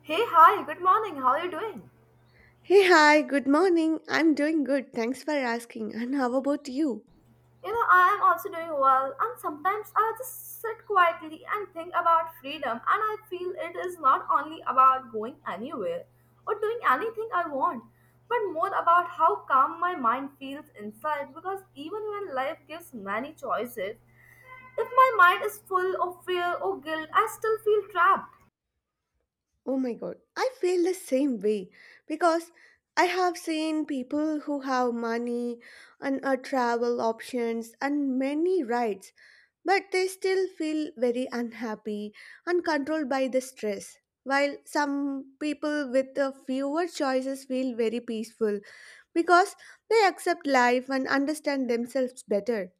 Hey, hi, good morning. How are you doing? Hey, hi, good morning. I'm doing good. Thanks for asking. And how about you? You know, I am also doing well, and sometimes I just sit quietly and think about freedom, and I feel it is not only about going anywhere or doing anything I want, but more about how calm my mind feels inside. Because even when life gives many choices, if my mind is full of fear or guilt, I still feel trapped. Oh my god, I feel the same way because I have seen people who have money and travel options and many rights, but they still feel very unhappy and controlled by the stress. While some people with fewer choices feel very peaceful because they accept life and understand themselves better.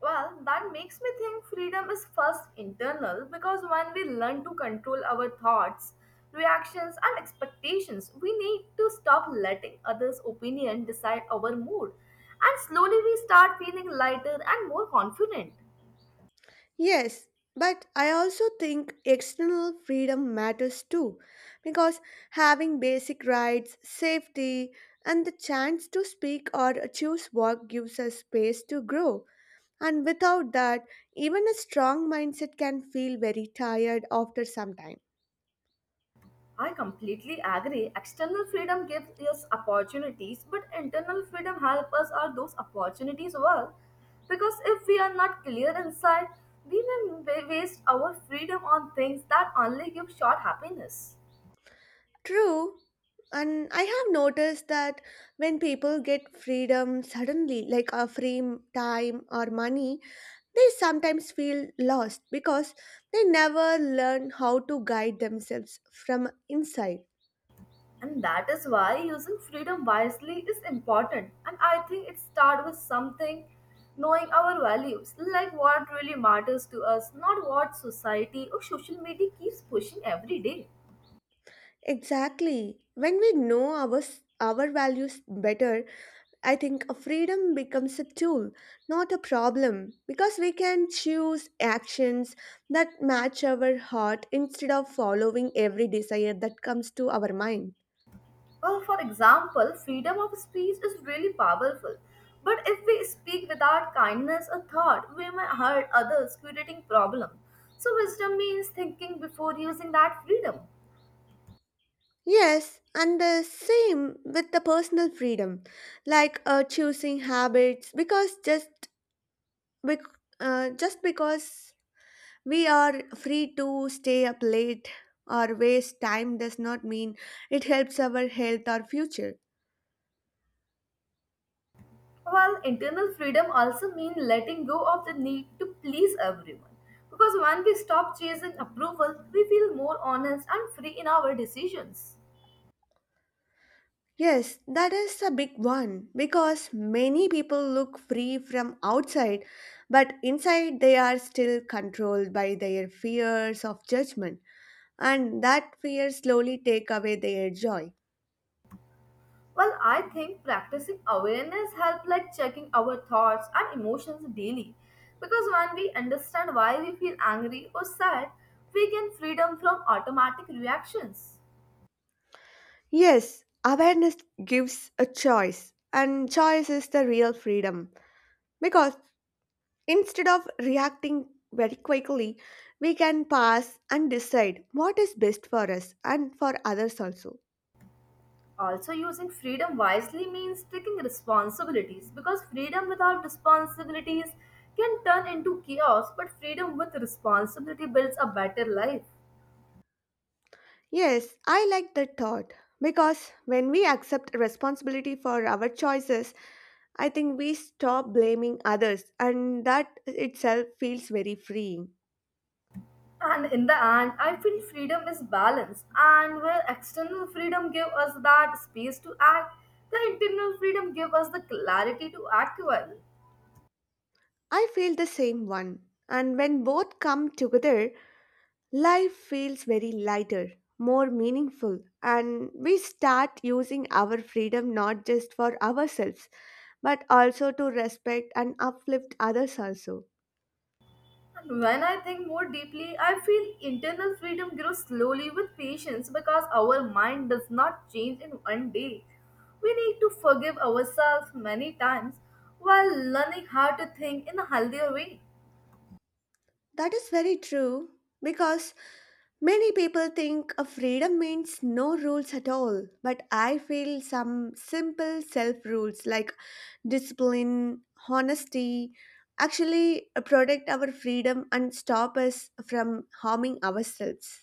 Well, that makes me think freedom is first internal because when we learn to control our thoughts, reactions, and expectations, we need to stop letting others' opinion decide our mood and slowly we start feeling lighter and more confident. Yes, but I also think external freedom matters too, because having basic rights, safety, and the chance to speak or choose work gives us space to grow. And without that, even a strong mindset can feel very tired after some time. I completely agree. External freedom gives us opportunities, but internal freedom helps us are those opportunities well. Because if we are not clear inside, we may waste our freedom on things that only give short happiness. True, and I have noticed that when people get freedom suddenly, like a free time or money, they sometimes feel lost because they never learn how to guide themselves from inside. And that is why using freedom wisely is important. And I think it starts with something knowing our values, like what really matters to us, not what society or social media keeps pushing every day. Exactly. When we know our values better, I think freedom becomes a tool, not a problem, because we can choose actions that match our heart instead of following every desire that comes to our mind. Well, for example, freedom of speech is really powerful. But if we speak without kindness or thought, we may hurt others, creating problem. So wisdom means thinking before using that freedom. Yes, and the same with the personal freedom, like choosing habits, because Bec- just because we are free to stay up late or waste time does not mean it helps our health or future. While internal freedom also means letting go of the need to please everyone. Because when we stop chasing approval, we feel more honest and free in our decisions. Yes, that is a big one because many people look free from outside, but inside they are still controlled by their fears of judgment, and that fear slowly take away their joy. Well, I think practicing awareness helps like checking our thoughts and emotions daily. Because when we understand why we feel angry or sad, we gain freedom from automatic reactions. Yes, awareness gives a choice, and choice is the real freedom because instead of reacting very quickly, we can pause and decide what is best for us and for others also. Also, using freedom wisely means taking responsibilities because freedom without responsibilities can turn into chaos, but freedom with responsibility builds a better life. Yes, I like that thought because when we accept responsibility for our choices, I think we stop blaming others, and that itself feels very freeing. And in the end, I feel freedom is balance, and where external freedom gives us that space to act, the internal freedom gives us the clarity to act well. I feel the same one. And when both come together, life feels very lighter, more meaningful, and we start using our freedom not just for ourselves, but also to respect and uplift others also. And when I think more deeply, I feel internal freedom grows slowly with patience because our mind does not change in one day. We need to forgive ourselves many times while learning how to think in a healthier way. That is very true because many people think of freedom means no rules at all, but I feel some simple self rules like discipline, honesty actually protect our freedom and stop us from harming ourselves.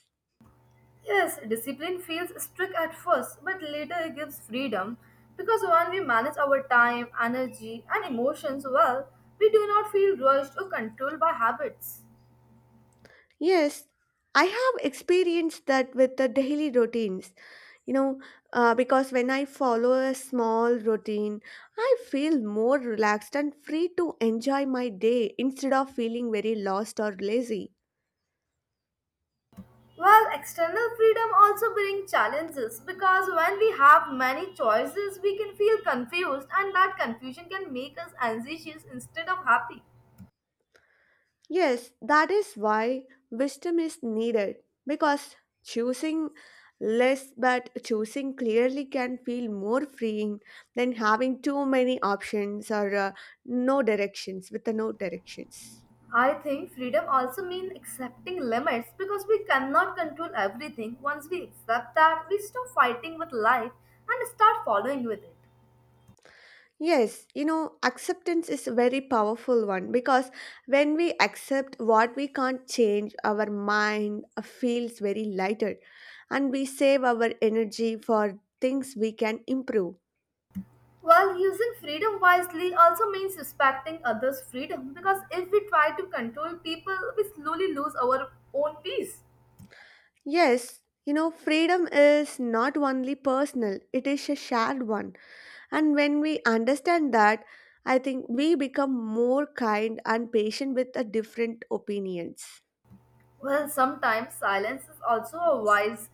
Yes, discipline feels strict at first, but later it gives freedom because when we manage our time, energy, and emotions well, we do not feel rushed or controlled by habits. Yes, I have experienced that with the daily routines. You know, because when I follow a small routine, I feel more relaxed and free to enjoy my day instead of feeling very lost or lazy. While external freedom also brings challenges because when we have many choices, we can feel confused, and that confusion can make us anxious instead of happy. Yes, that is why wisdom is needed because choosing less but choosing clearly can feel more freeing than having too many options or no directions with the no directions. I think freedom also means accepting limits because we cannot control everything. Once we accept that, we stop fighting with life and start following with it. Yes, you know, acceptance is a very powerful one because when we accept what we can't change, our mind feels very lighter and we save our energy for things we can improve. While using freedom wisely also means respecting others' freedom because if we try to control people, we slowly lose our own peace. Yes, you know, freedom is not only personal, it is a shared one. And when we understand that, I think we become more kind and patient with the different opinions. Well, sometimes silence is also a wise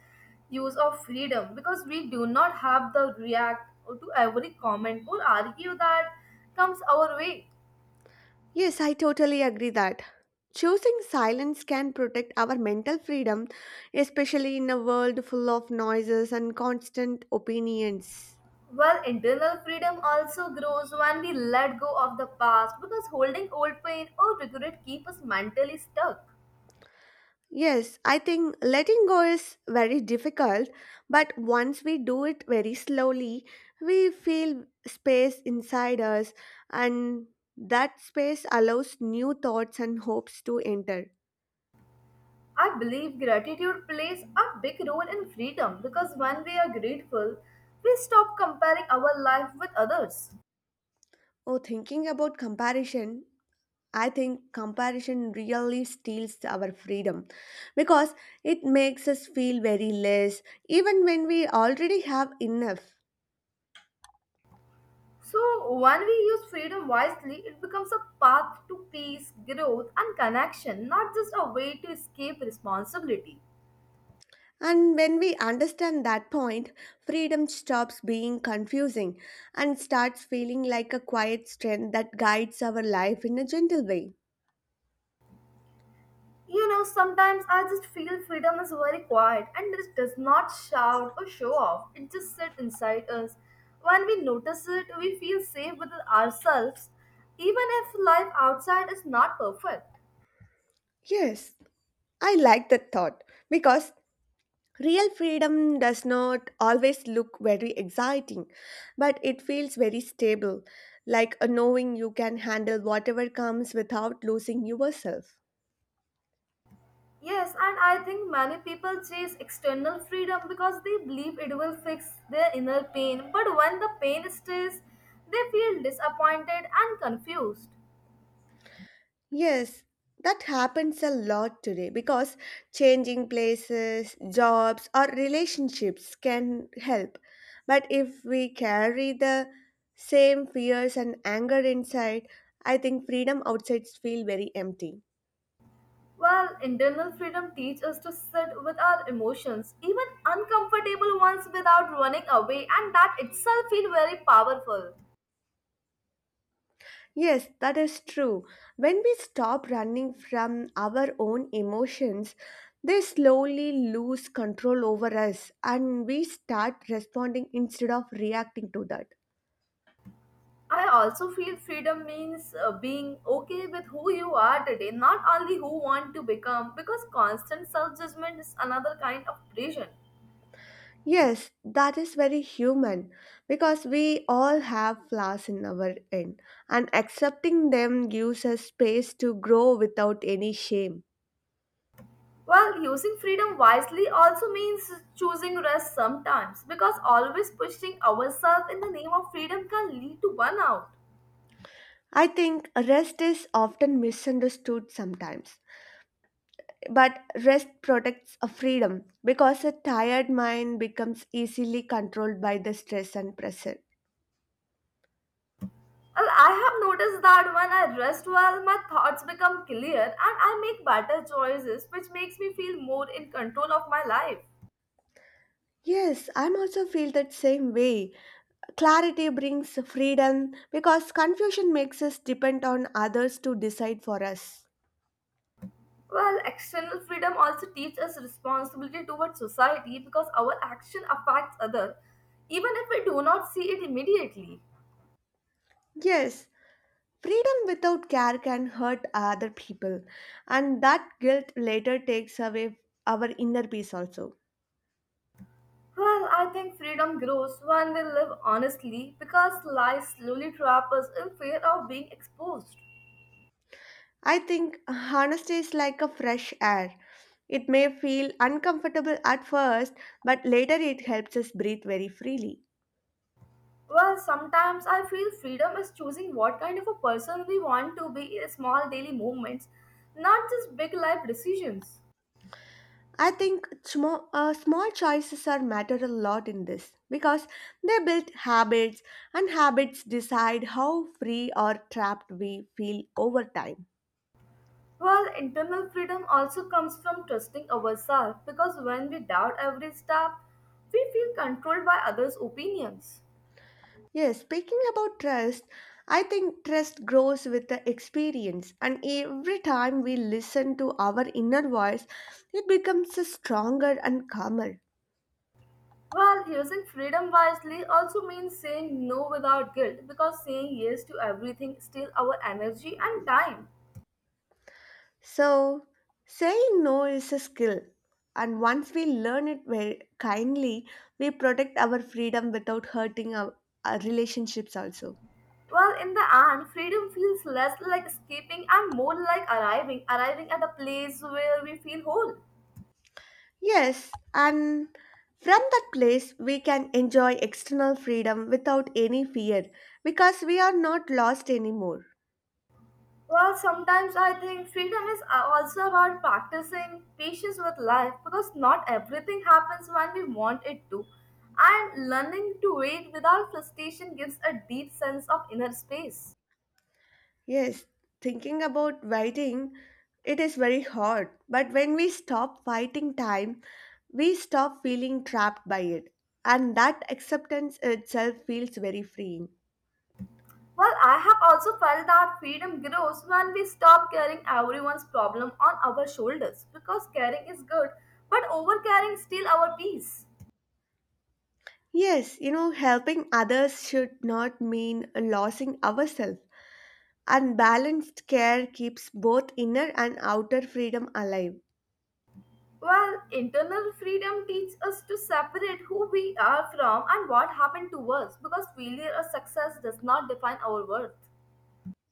use of freedom because we do not have to react to every comment or argue that comes our way. Yes, I totally agree that. Choosing silence can protect our mental freedom, especially in a world full of noises and constant opinions. Well, internal freedom also grows when we let go of the past because holding old pain or regret keep us mentally stuck. Yes, I think letting go is very difficult, but once we do it very slowly, we feel space inside us, and that space allows new thoughts and hopes to enter. I believe gratitude plays a big role in freedom because when we are grateful, we stop comparing our life with others. Oh, thinking about comparison, I think comparison really steals our freedom because it makes us feel very less, even when we already have enough. So, when we use freedom wisely, it becomes a path to peace, growth, and connection, not just a way to escape responsibility. And when we understand that point, freedom stops being confusing and starts feeling like a quiet strength that guides our life in a gentle way. You know, sometimes I just feel freedom is very quiet and it does not shout or show off. It just sits inside us. When we notice it, we feel safe with ourselves, even if life outside is not perfect. Yes, I like that thought because real freedom does not always look very exciting, but it feels very stable, like a knowing you can handle whatever comes without losing yourself. Yes, and I think many people chase external freedom because they believe it will fix their inner pain. But when the pain stays, they feel disappointed and confused. Yes, that happens a lot today because changing places, jobs, or relationships can help. But if we carry the same fears and anger inside, I think freedom outside feels very empty. Well, internal freedom teaches us to sit with our emotions, even uncomfortable ones, without running away, and that itself feels very powerful. Yes, that is true. When we stop running from our own emotions, they slowly lose control over us and we start responding instead of reacting to that. I also feel freedom means being okay with who you are today, not only who want to become, because constant self judgment is another kind of prison. Yes, that is very human because we all have flaws in our end and accepting them gives us space to grow without any shame. Well, using freedom wisely also means choosing rest sometimes, because always pushing ourselves in the name of freedom can lead to burnout. I think rest is often misunderstood sometimes, but rest protects a freedom because a tired mind becomes easily controlled by the stress and pressure. Well, I have noticed that when I rest well, my thoughts become clear and I make better choices, which makes me feel more in control of my life. Yes, I'm also feel that same way. Clarity brings freedom because confusion makes us depend on others to decide for us. Well, external freedom also teaches us responsibility towards society because our action affects others, even if we do not see it immediately. Yes, freedom without care can hurt other people and that guilt later takes away our inner peace also. Well, I think freedom grows when we live honestly because lies slowly trap us in fear of being exposed. I think honesty is like a fresh air. It may feel uncomfortable at first, but later it helps us breathe very freely. Well, sometimes I feel freedom is choosing what kind of a person we want to be in small daily movements, not just big life decisions. I think small choices are matter a lot in this because they build habits and habits decide how free or trapped we feel over time. Well, internal freedom also comes from trusting ourselves because when we doubt every step, we feel controlled by others' opinions. Yes, speaking about trust, I think trust grows with the experience, and every time we listen to our inner voice, it becomes stronger and calmer. Well, using freedom wisely also means saying no without guilt because saying yes to everything steals our energy and time. So, saying no is a skill, and once we learn it very kindly, we protect our freedom without our relationships also. Well, in the end, freedom feels less like escaping and more like arriving, arriving at a place where we feel whole. Yes, and from that place, we can enjoy external freedom without any fear because we are not lost anymore. Well, sometimes I think freedom is also about practicing patience with life because not everything happens when we want it to. And learning to wait without frustration gives a deep sense of inner space. Yes, thinking about waiting, it is very hard. But when we stop fighting time, we stop feeling trapped by it. And that acceptance itself feels very freeing. Well, I have also felt that freedom grows when we stop carrying everyone's problem on our shoulders because caring is good, but overcaring steals our peace. Yes, you know, helping others should not mean losing ourselves. And balanced care keeps both inner and outer freedom alive. Well, internal freedom teaches us to separate who we are from and what happened to us because failure or success does not define our worth.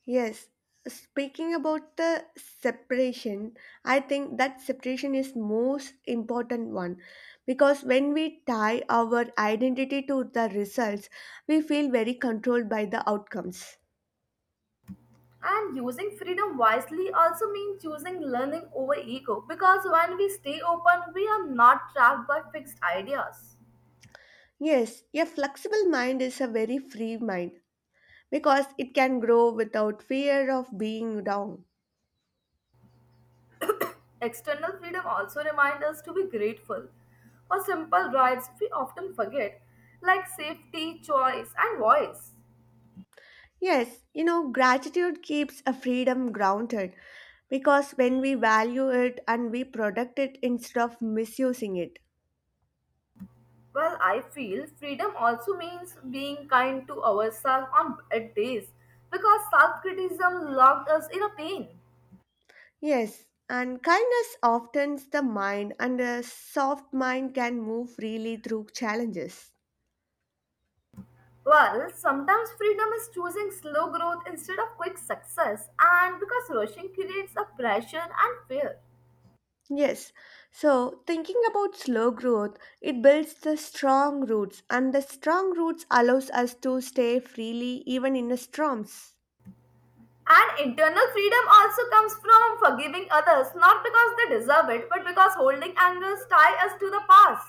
Yes, speaking about the separation, I think that separation is most important one because when we tie our identity to the results, we feel very controlled by the outcomes. And using freedom wisely also means choosing learning over ego because when we stay open, we are not trapped by fixed ideas. Yes, a flexible mind is a very free mind because it can grow without fear of being wrong. External freedom also reminds us to be grateful for simple rights we often forget, like safety, choice, and voice. Yes, you know, gratitude keeps a freedom grounded because when we value it and we protect it instead of misusing it. Well, I feel freedom also means being kind to ourselves on bad days because self criticism locked us in a pain. Yes, and kindness softens the mind, and a soft mind can move freely through challenges. Well, sometimes freedom is choosing slow growth instead of quick success, and because rushing creates a pressure and fear. Yes, so thinking about slow growth, it builds the strong roots, and the strong roots allows us to stay freely even in the storms. And internal freedom also comes from forgiving others, not because they deserve it, but because holding anger ties us to the past.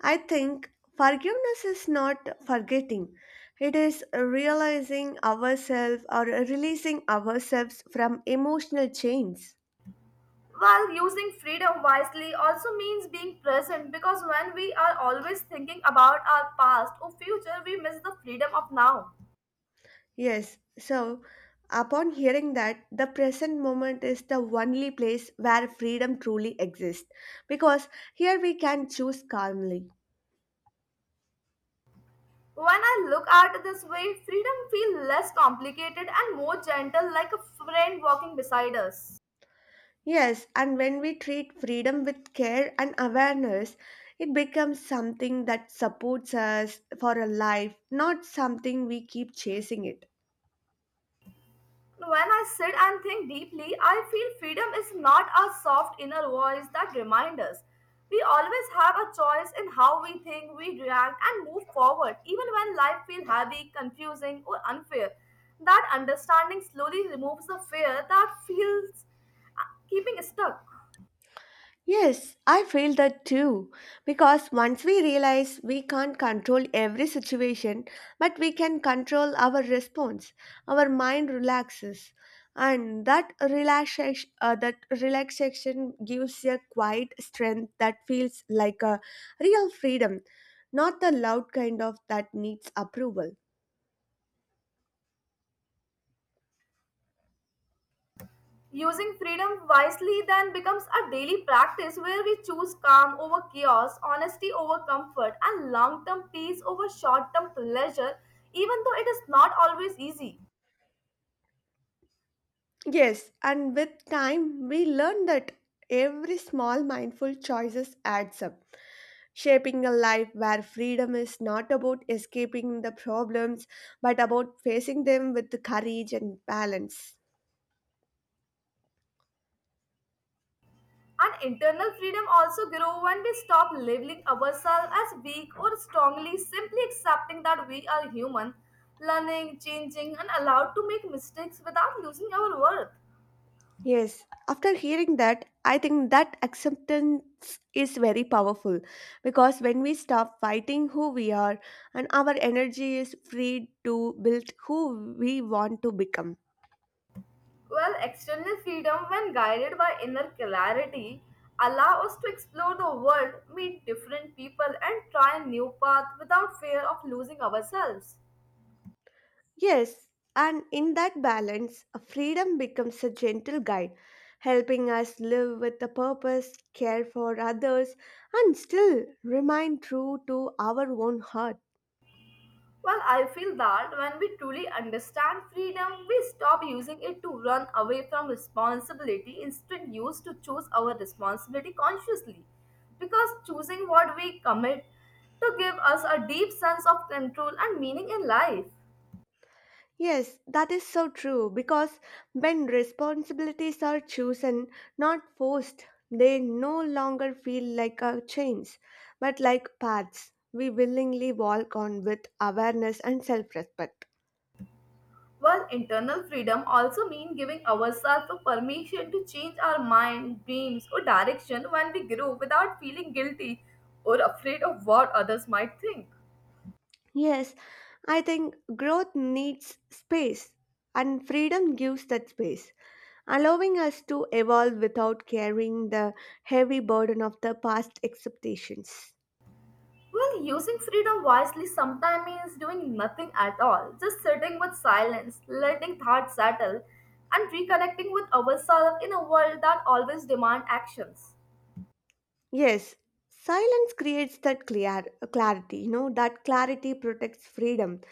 I think forgiveness is not forgetting. It is realizing ourselves or releasing ourselves from emotional chains. While using freedom wisely also means being present because when we are always thinking about our past or future, we miss the freedom of now. Yes, so upon hearing that, the present moment is the only place where freedom truly exists because here we can choose calmly. When I look at it this way, freedom feels less complicated and more gentle, like a friend walking beside us. Yes, and when we treat freedom with care and awareness, it becomes something that supports us for a life, not something we keep chasing it. When I sit and think deeply, I feel freedom is not a soft inner voice that reminds us. We always have a choice in how we think, we react, and move forward, even when life feels heavy, confusing, or unfair. That understanding slowly removes the fear that feels keeping stuck. Yes, I feel that too. Because once we realize we can't control every situation, but we can control our response, our mind relaxes. And that relaxation gives a quiet strength that feels like a real freedom, not the loud kind of that needs approval. Using freedom wisely then becomes a daily practice where we choose calm over chaos, honesty over comfort, and long term peace over short term pleasure, even though it is not always easy. Yes, and with time, we learn that every small mindful choices adds up shaping a life where freedom is not about escaping the problems but about facing them with courage and balance. And internal freedom also grows when we stop labeling ourselves as weak or strongly, simply accepting that we are human, learning, changing, and allowed to make mistakes without losing our worth. Yes, after hearing that, I think that acceptance is very powerful because when we stop fighting who we are and our energy is free to build who we want to become. Well, external freedom, when guided by inner clarity, allow us to explore the world, meet different people, and try a new path without fear of losing ourselves. Yes, and in that balance, a freedom becomes a gentle guide, helping us live with a purpose, care for others, and still remain true to our own heart. Well, I feel that when we truly understand freedom, we stop using it to run away from responsibility, instead use to choose our responsibility consciously. Because choosing what we commit to give us a deep sense of control and meaning in life. Yes, that is so true because when responsibilities are chosen, not forced, they no longer feel like a chains, but like paths we willingly walk on with awareness and self respect. While internal freedom also means giving ourselves a permission to change our mind, dreams, or direction when we grow without feeling guilty or afraid of what others might think. Yes, I think growth needs space, and freedom gives that space, allowing us to evolve without carrying the heavy burden of the past expectations. Well, using freedom wisely sometimes means doing nothing at all, just sitting with silence, letting thoughts settle, and reconnecting with ourselves in a world that always demands actions. Yes, silence creates that clear clarity, you know, that clarity protects freedom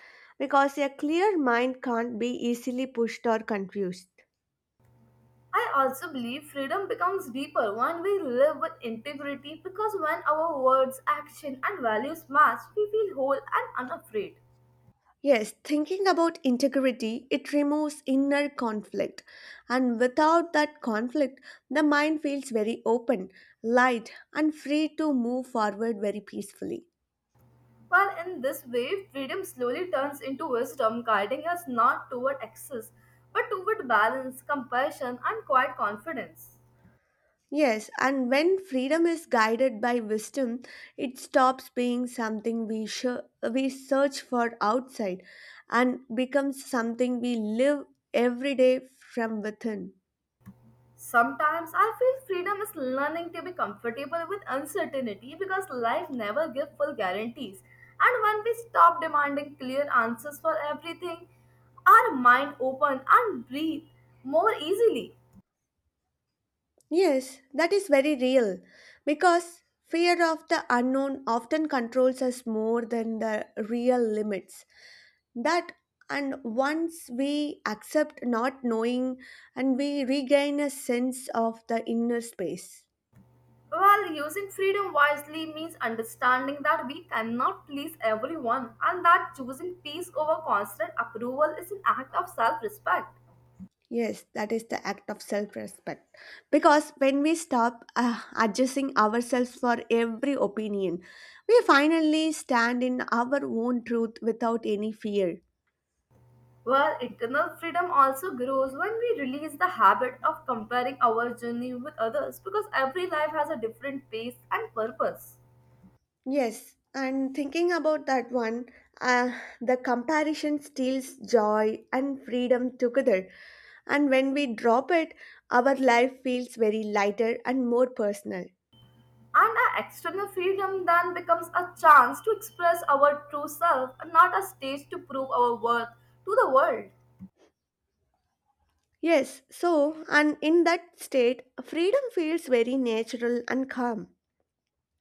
because a clear mind can't be easily pushed or confused. I also believe freedom becomes deeper when we live with integrity because when our words, action, and values match, we feel whole and unafraid. Yes, thinking about integrity, it removes inner conflict. And without that conflict, the mind feels very open, light, and free to move forward very peacefully. While in this way, freedom slowly turns into wisdom, guiding us not toward excess but toward balance, compassion, and quiet confidence. Yes, and when freedom is guided by wisdom, it stops being something we search for outside and becomes something we live every day from within. Sometimes I feel freedom is learning to be comfortable with uncertainty because life never gives full guarantees. And when we stop demanding clear answers for everything, our mind open and breathe more easily. Yes, that is very real because fear of the unknown often controls us more than the real limits. That and once we accept not knowing and we regain a sense of the inner space. While using freedom wisely means understanding that we cannot please everyone and that choosing peace over constant approval is an act of self-respect. Yes, that is the act of self respect. Because when we stop adjusting ourselves for every opinion, we finally stand in our own truth without any fear. Well, internal freedom also grows when we release the habit of comparing our journey with others because every life has a different pace and purpose. Yes, and thinking about that one, uh, the comparison steals joy and freedom together. And when we drop it, our life feels very lighter and more personal. And our external freedom then becomes a chance to express our true self and not a stage to prove our worth to the world. Yes, so, and in that state, freedom feels very natural and calm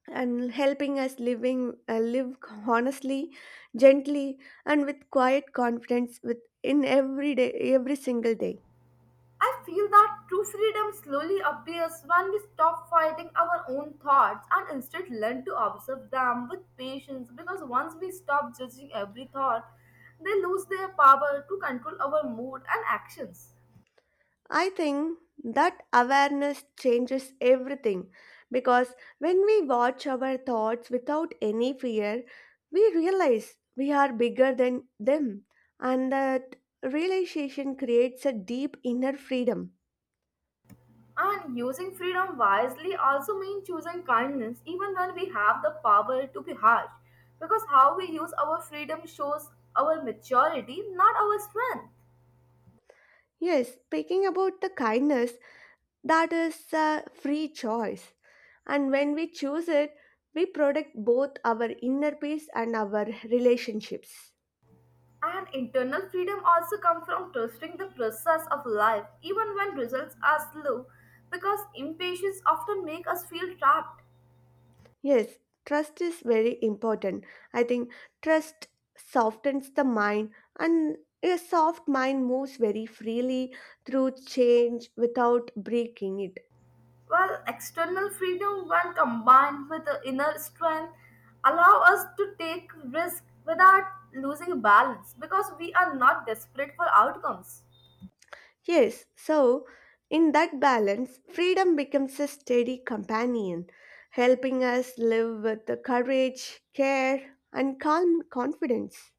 and helping us living live honestly, gently, and with quiet confidence with in every day every single day. I feel that true freedom slowly appears when we stop fighting our own thoughts and instead learn to observe them with patience, because once we stop judging every thought, they lose their power to control our mood and actions. I think that awareness changes everything because when we watch our thoughts without any fear, we realize we are bigger than them, and that realization creates a deep inner freedom. And using freedom wisely also means choosing kindness even when we have the power to be harsh, because how we use our freedom shows our maturity, not our strength. Yes, speaking about the kindness, that is a free choice, and when we choose it, we protect both our inner peace and our relationships. And internal freedom also comes from trusting the process of life, even when results are slow, because impatience often makes us feel trapped. Yes, trust is very important. I think trust softens the mind, and a soft mind moves very freely through change without breaking it. While external freedom, when combined with the inner strength, allow us to take risk without losing balance, because we are not desperate for outcomes. Yes, so in that balance, freedom becomes a steady companion, helping us live with the courage, care, and calm confidence.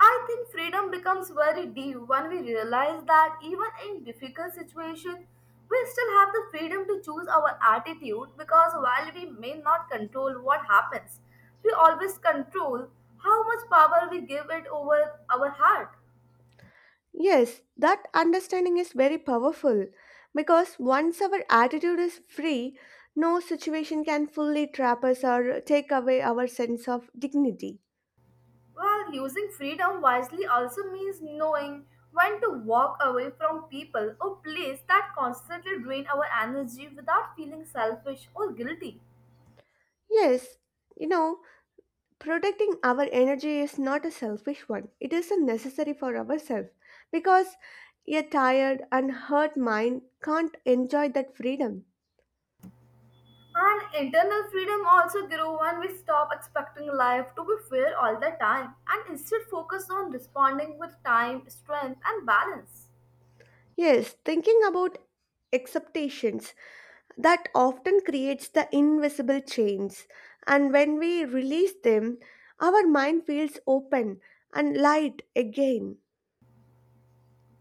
I think freedom becomes very deep when we realize that even in difficult situations, we still have the freedom to choose our attitude, because while we may not control what happens, we always control how much power we give it over our heart. Yes, that understanding is very powerful because once our attitude is free, no situation can fully trap us or take away our sense of dignity. While using freedom wisely also means knowing when to walk away from people or place that constantly drain our energy without feeling selfish or guilty. Yes, you know, protecting our energy is not a selfish one, it is a necessary for ourselves because a tired and hurt mind can't enjoy that freedom. And internal freedom also grew when we stop expecting life to be fair all the time and instead focus on responding with time, strength, and balance. Yes, thinking about acceptations that often creates the invisible chains. And when we release them, our mind feels open and light again.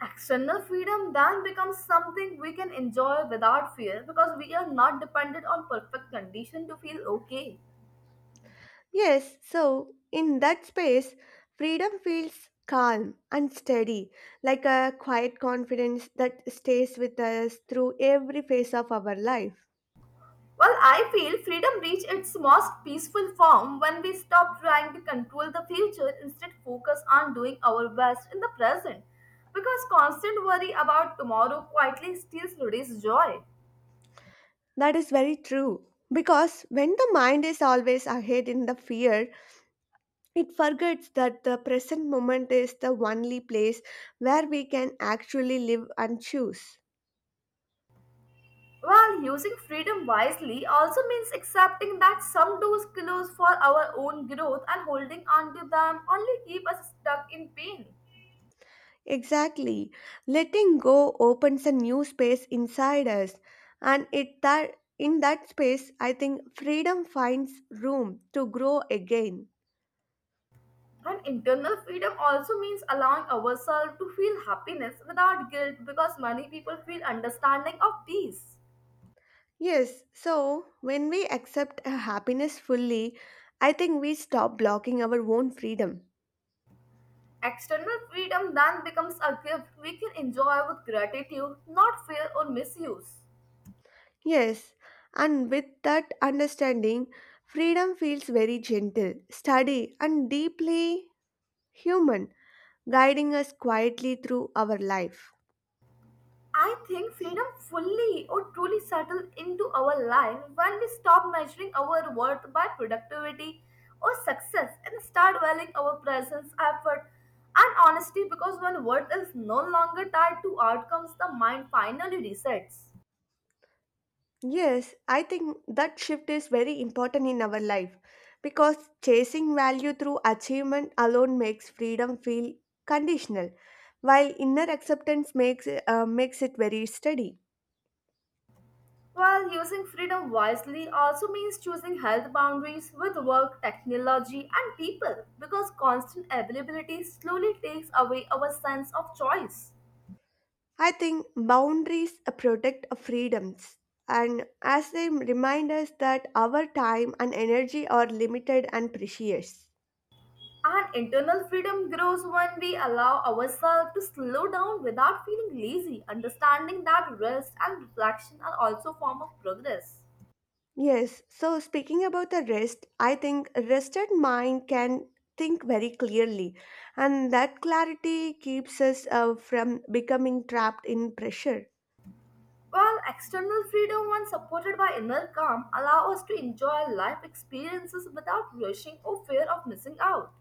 External freedom then becomes something we can enjoy without fear because we are not dependent on perfect condition to feel okay. Yes, so in that space, freedom feels calm and steady, like a quiet confidence that stays with us through every phase of our life. Well, I feel freedom reached its most peaceful form when we stop trying to control the future, instead focus on doing our best in the present, because constant worry about tomorrow quietly steals today's joy. That is very true. Because when the mind is always ahead in the fear, it forgets that the present moment is the only place where we can actually live and choose. While using freedom wisely also means accepting that some doors close for our own growth and holding on to them only keep us stuck in pain. Exactly. Letting go opens a new space inside us and it that in that space I think freedom finds room to grow again. And internal freedom also means allowing ourselves to feel happiness without guilt, because many people feel understanding of peace. Yes, so when we accept a happiness fully, I think we stop blocking our own freedom. External freedom then becomes a gift we can enjoy with gratitude, not fear or misuse. Yes, and with that understanding, freedom feels very gentle, steady, and deeply human, guiding us quietly through our life. I think freedom fully or truly settles into our life when we stop measuring our worth by productivity or success and start valuing our presence, effort, and honesty, because when worth is no longer tied to outcomes, the mind finally resets. Yes, I think that shift is very important in our life because chasing value through achievement alone makes freedom feel conditional, while inner acceptance makes it very steady. While using freedom wisely also means choosing health boundaries with work, technology, and people, because constant availability slowly takes away our sense of choice. I think boundaries protect freedoms and as they remind us that our time and energy are limited and precious. And internal freedom grows when we allow ourselves to slow down without feeling lazy, understanding that rest and reflection are also form of progress. Yes, so speaking about the rest, I think rested mind can think very clearly and that clarity keeps us from becoming trapped in pressure. While external freedom, when supported by inner calm, allow us to enjoy life experiences without rushing or fear of missing out.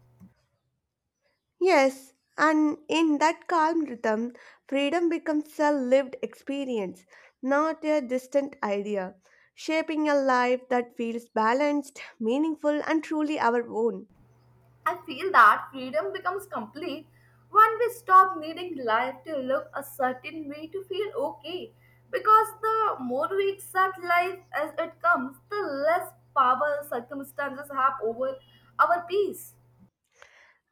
Yes, and in that calm rhythm, freedom becomes a lived experience, not a distant idea, shaping a life that feels balanced, meaningful, and truly our own. I feel that freedom becomes complete when we stop needing life to look a certain way to feel okay, because the more we accept life as it comes, the less power circumstances have over our peace.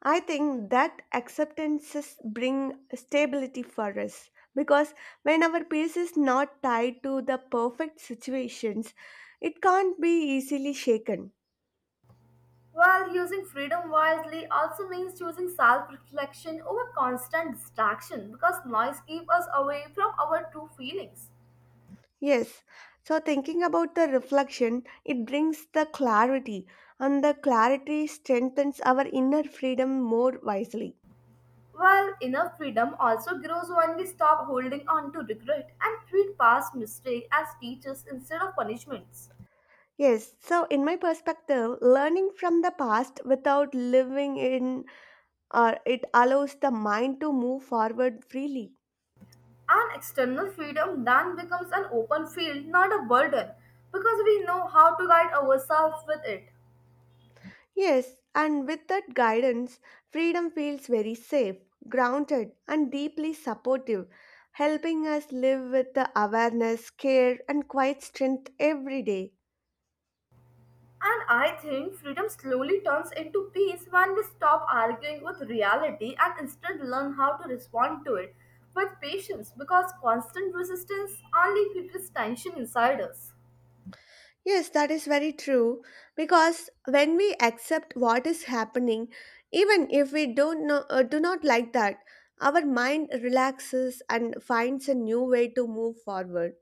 I think that acceptances bring stability for us because when our peace is not tied to the perfect situations, it can't be easily shaken. While using freedom wisely also means choosing self reflection over constant distraction, because noise keeps us away from our true feelings. Yes. So thinking about the reflection, it brings the clarity, and the clarity strengthens our inner freedom more wisely. Well, inner freedom also grows when we stop holding on to regret and treat past mistakes as teachers instead of punishments. Yes. So in my perspective, learning from the past without living in or it allows the mind to move forward freely. And external freedom then becomes an open field, not a burden, because we know how to guide ourselves with it. Yes, and with that guidance, freedom feels very safe, grounded, and deeply supportive, helping us live with the awareness, care, and quiet strength every day. And I think freedom slowly turns into peace when we stop arguing with reality and instead learn how to respond to it with patience, because constant resistance only creates tension inside us. Yes, that is very true. Because when we accept what is happening, even if we don't know, do not like that, our mind relaxes and finds a new way to move forward.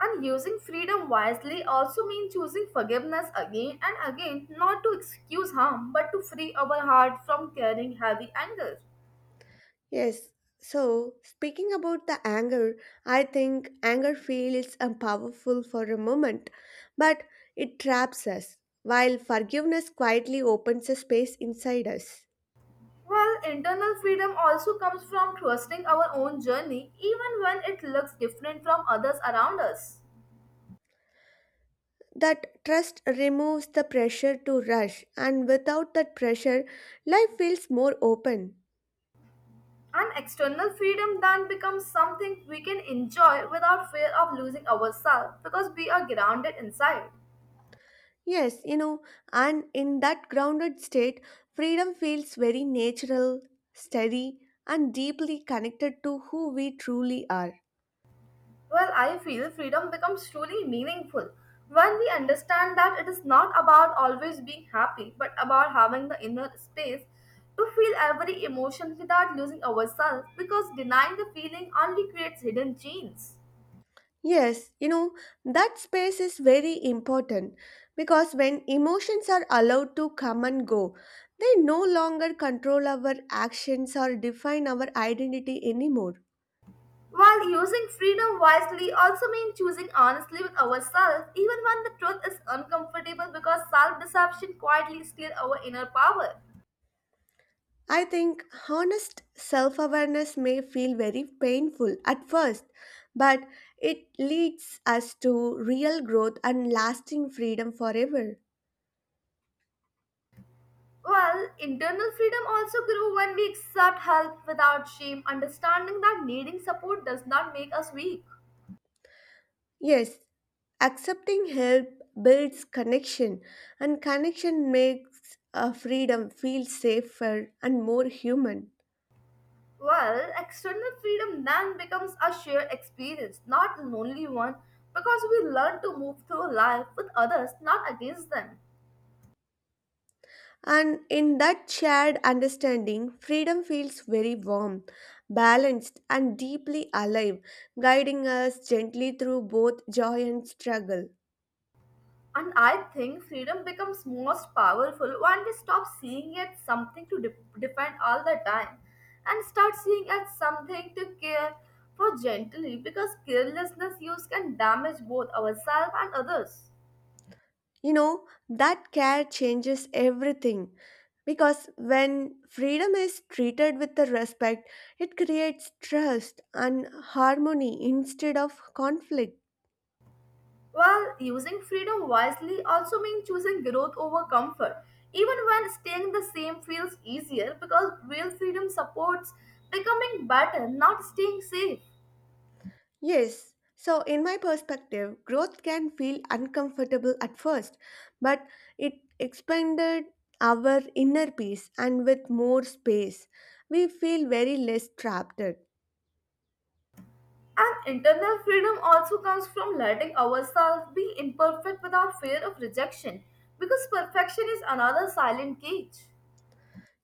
And using freedom wisely also means choosing forgiveness again and again, not to excuse harm, but to free our heart from carrying heavy anger. Yes. So, speaking about the anger, I think anger feels powerful for a moment, but it traps us, while forgiveness quietly opens a space inside us. Well, internal freedom also comes from trusting our own journey, even when it looks different from others around us. That trust removes the pressure to rush, and without that pressure, life feels more open. And external freedom then becomes something we can enjoy without fear of losing ourselves, because we are grounded inside. Yes, you know, and in that grounded state, freedom feels very natural, steady, and deeply connected to who we truly are. Well, I feel freedom becomes truly meaningful when we understand that it is not about always being happy, but about having the inner space to feel every emotion without losing ourselves, because denying the feeling only creates hidden chains. Yes, you know, that space is very important because when emotions are allowed to come and go, they no longer control our actions or define our identity anymore. While using freedom wisely also means choosing honestly with ourselves, even when the truth is uncomfortable, because self deception quietly steals our inner power. I think honest self awareness may feel very painful at first, but it leads us to real growth and lasting freedom forever. Well, internal freedom also grew when we accept help without shame, understanding that needing support does not make us weak. Yes, accepting help builds connection, and connection makes freedom feel safer and more human. Well, external freedom then becomes a shared experience, not a lonely one, because we learn to move through life with others, not against them. And in that shared understanding, freedom feels very warm, balanced, and deeply alive, guiding us gently through both joy and struggle. And I think freedom becomes most powerful when we stop seeing it something to defend all the time and start seeing it something to care for gently, because carelessness use can damage both ourselves and others. You know, that care changes everything because when freedom is treated with the respect, it creates trust and harmony instead of conflict. While using freedom wisely also means choosing growth over comfort, even when staying the same feels easier, because real freedom supports becoming better, not staying safe. Yes. So, in my perspective, growth can feel uncomfortable at first, but it expanded our inner peace and with more space, we feel very less trapped. And internal freedom also comes from letting ourselves be imperfect without fear of rejection, because perfection is another silent cage.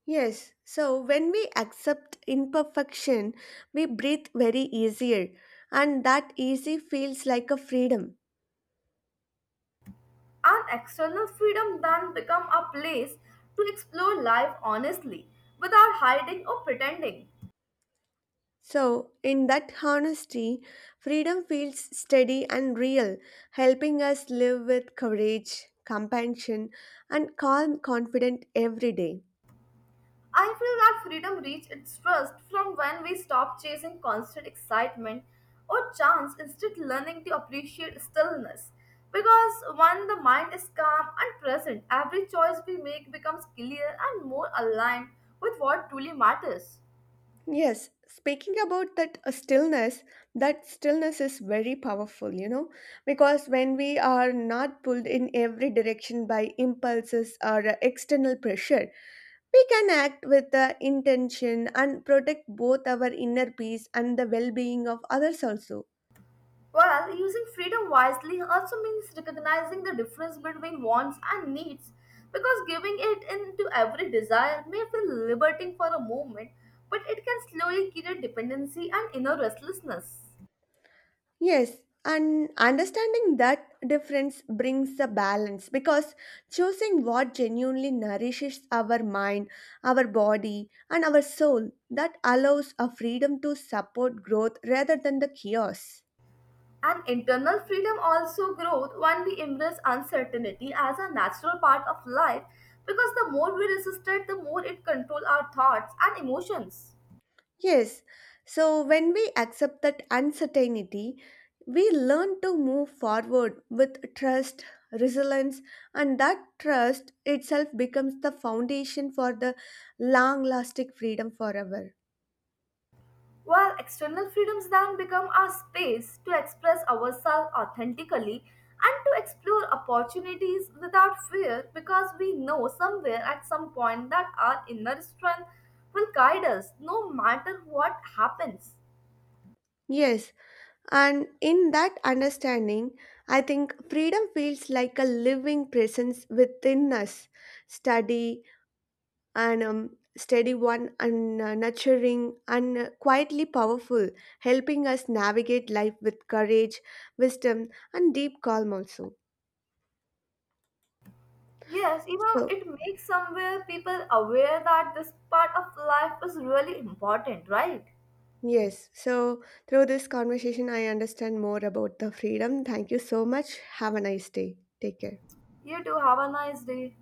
Yes. So, when we accept imperfection, we breathe very easier, and that easy feels like a freedom. And external freedom then become a place to explore life honestly, without hiding or pretending. So, in that honesty, freedom feels steady and real, helping us live with courage, compassion, and calm, confident every day. I feel that freedom reaches its trust from when we stop chasing constant excitement or chance, instead learning to appreciate stillness, because when the mind is calm and present, every choice we make becomes clear and more aligned with what truly matters. Yes, speaking about that stillness, that stillness is very powerful, you know, because when we are not pulled in every direction by impulses or external pressure, we can act with the intention and protect both our inner peace and the well being of others also. Well, using freedom wisely also means recognizing the difference between wants and needs, because giving it into every desire may feel liberating for a moment, but it can slowly create dependency and inner restlessness. Yes, and understanding that difference brings a balance because choosing what genuinely nourishes our mind, our body, and our soul that allows a freedom to support growth rather than the chaos. And internal freedom also grows when we embrace uncertainty as a natural part of life, because the more we resist it, the more it controls our thoughts and emotions. Yes, so when we accept that uncertainty, we learn to move forward with trust, resilience, and that trust itself becomes the foundation for the long lasting freedom forever. While external freedoms then become our space to express ourselves authentically and to explore opportunities without fear, because we know somewhere at some point that our inner strength will guide us no matter what happens. Yes, and in that understanding, I think freedom feels like a living presence within us, steady and steady one, and nurturing and quietly powerful, helping us navigate life with courage, wisdom, and deep calm also. Yes, you know, So, it makes somewhere people aware that this part of life is really important, right? yes, so through this conversation, I understand more about the freedom. Thank you so much. Have a nice day. Take care. You too, have a nice day.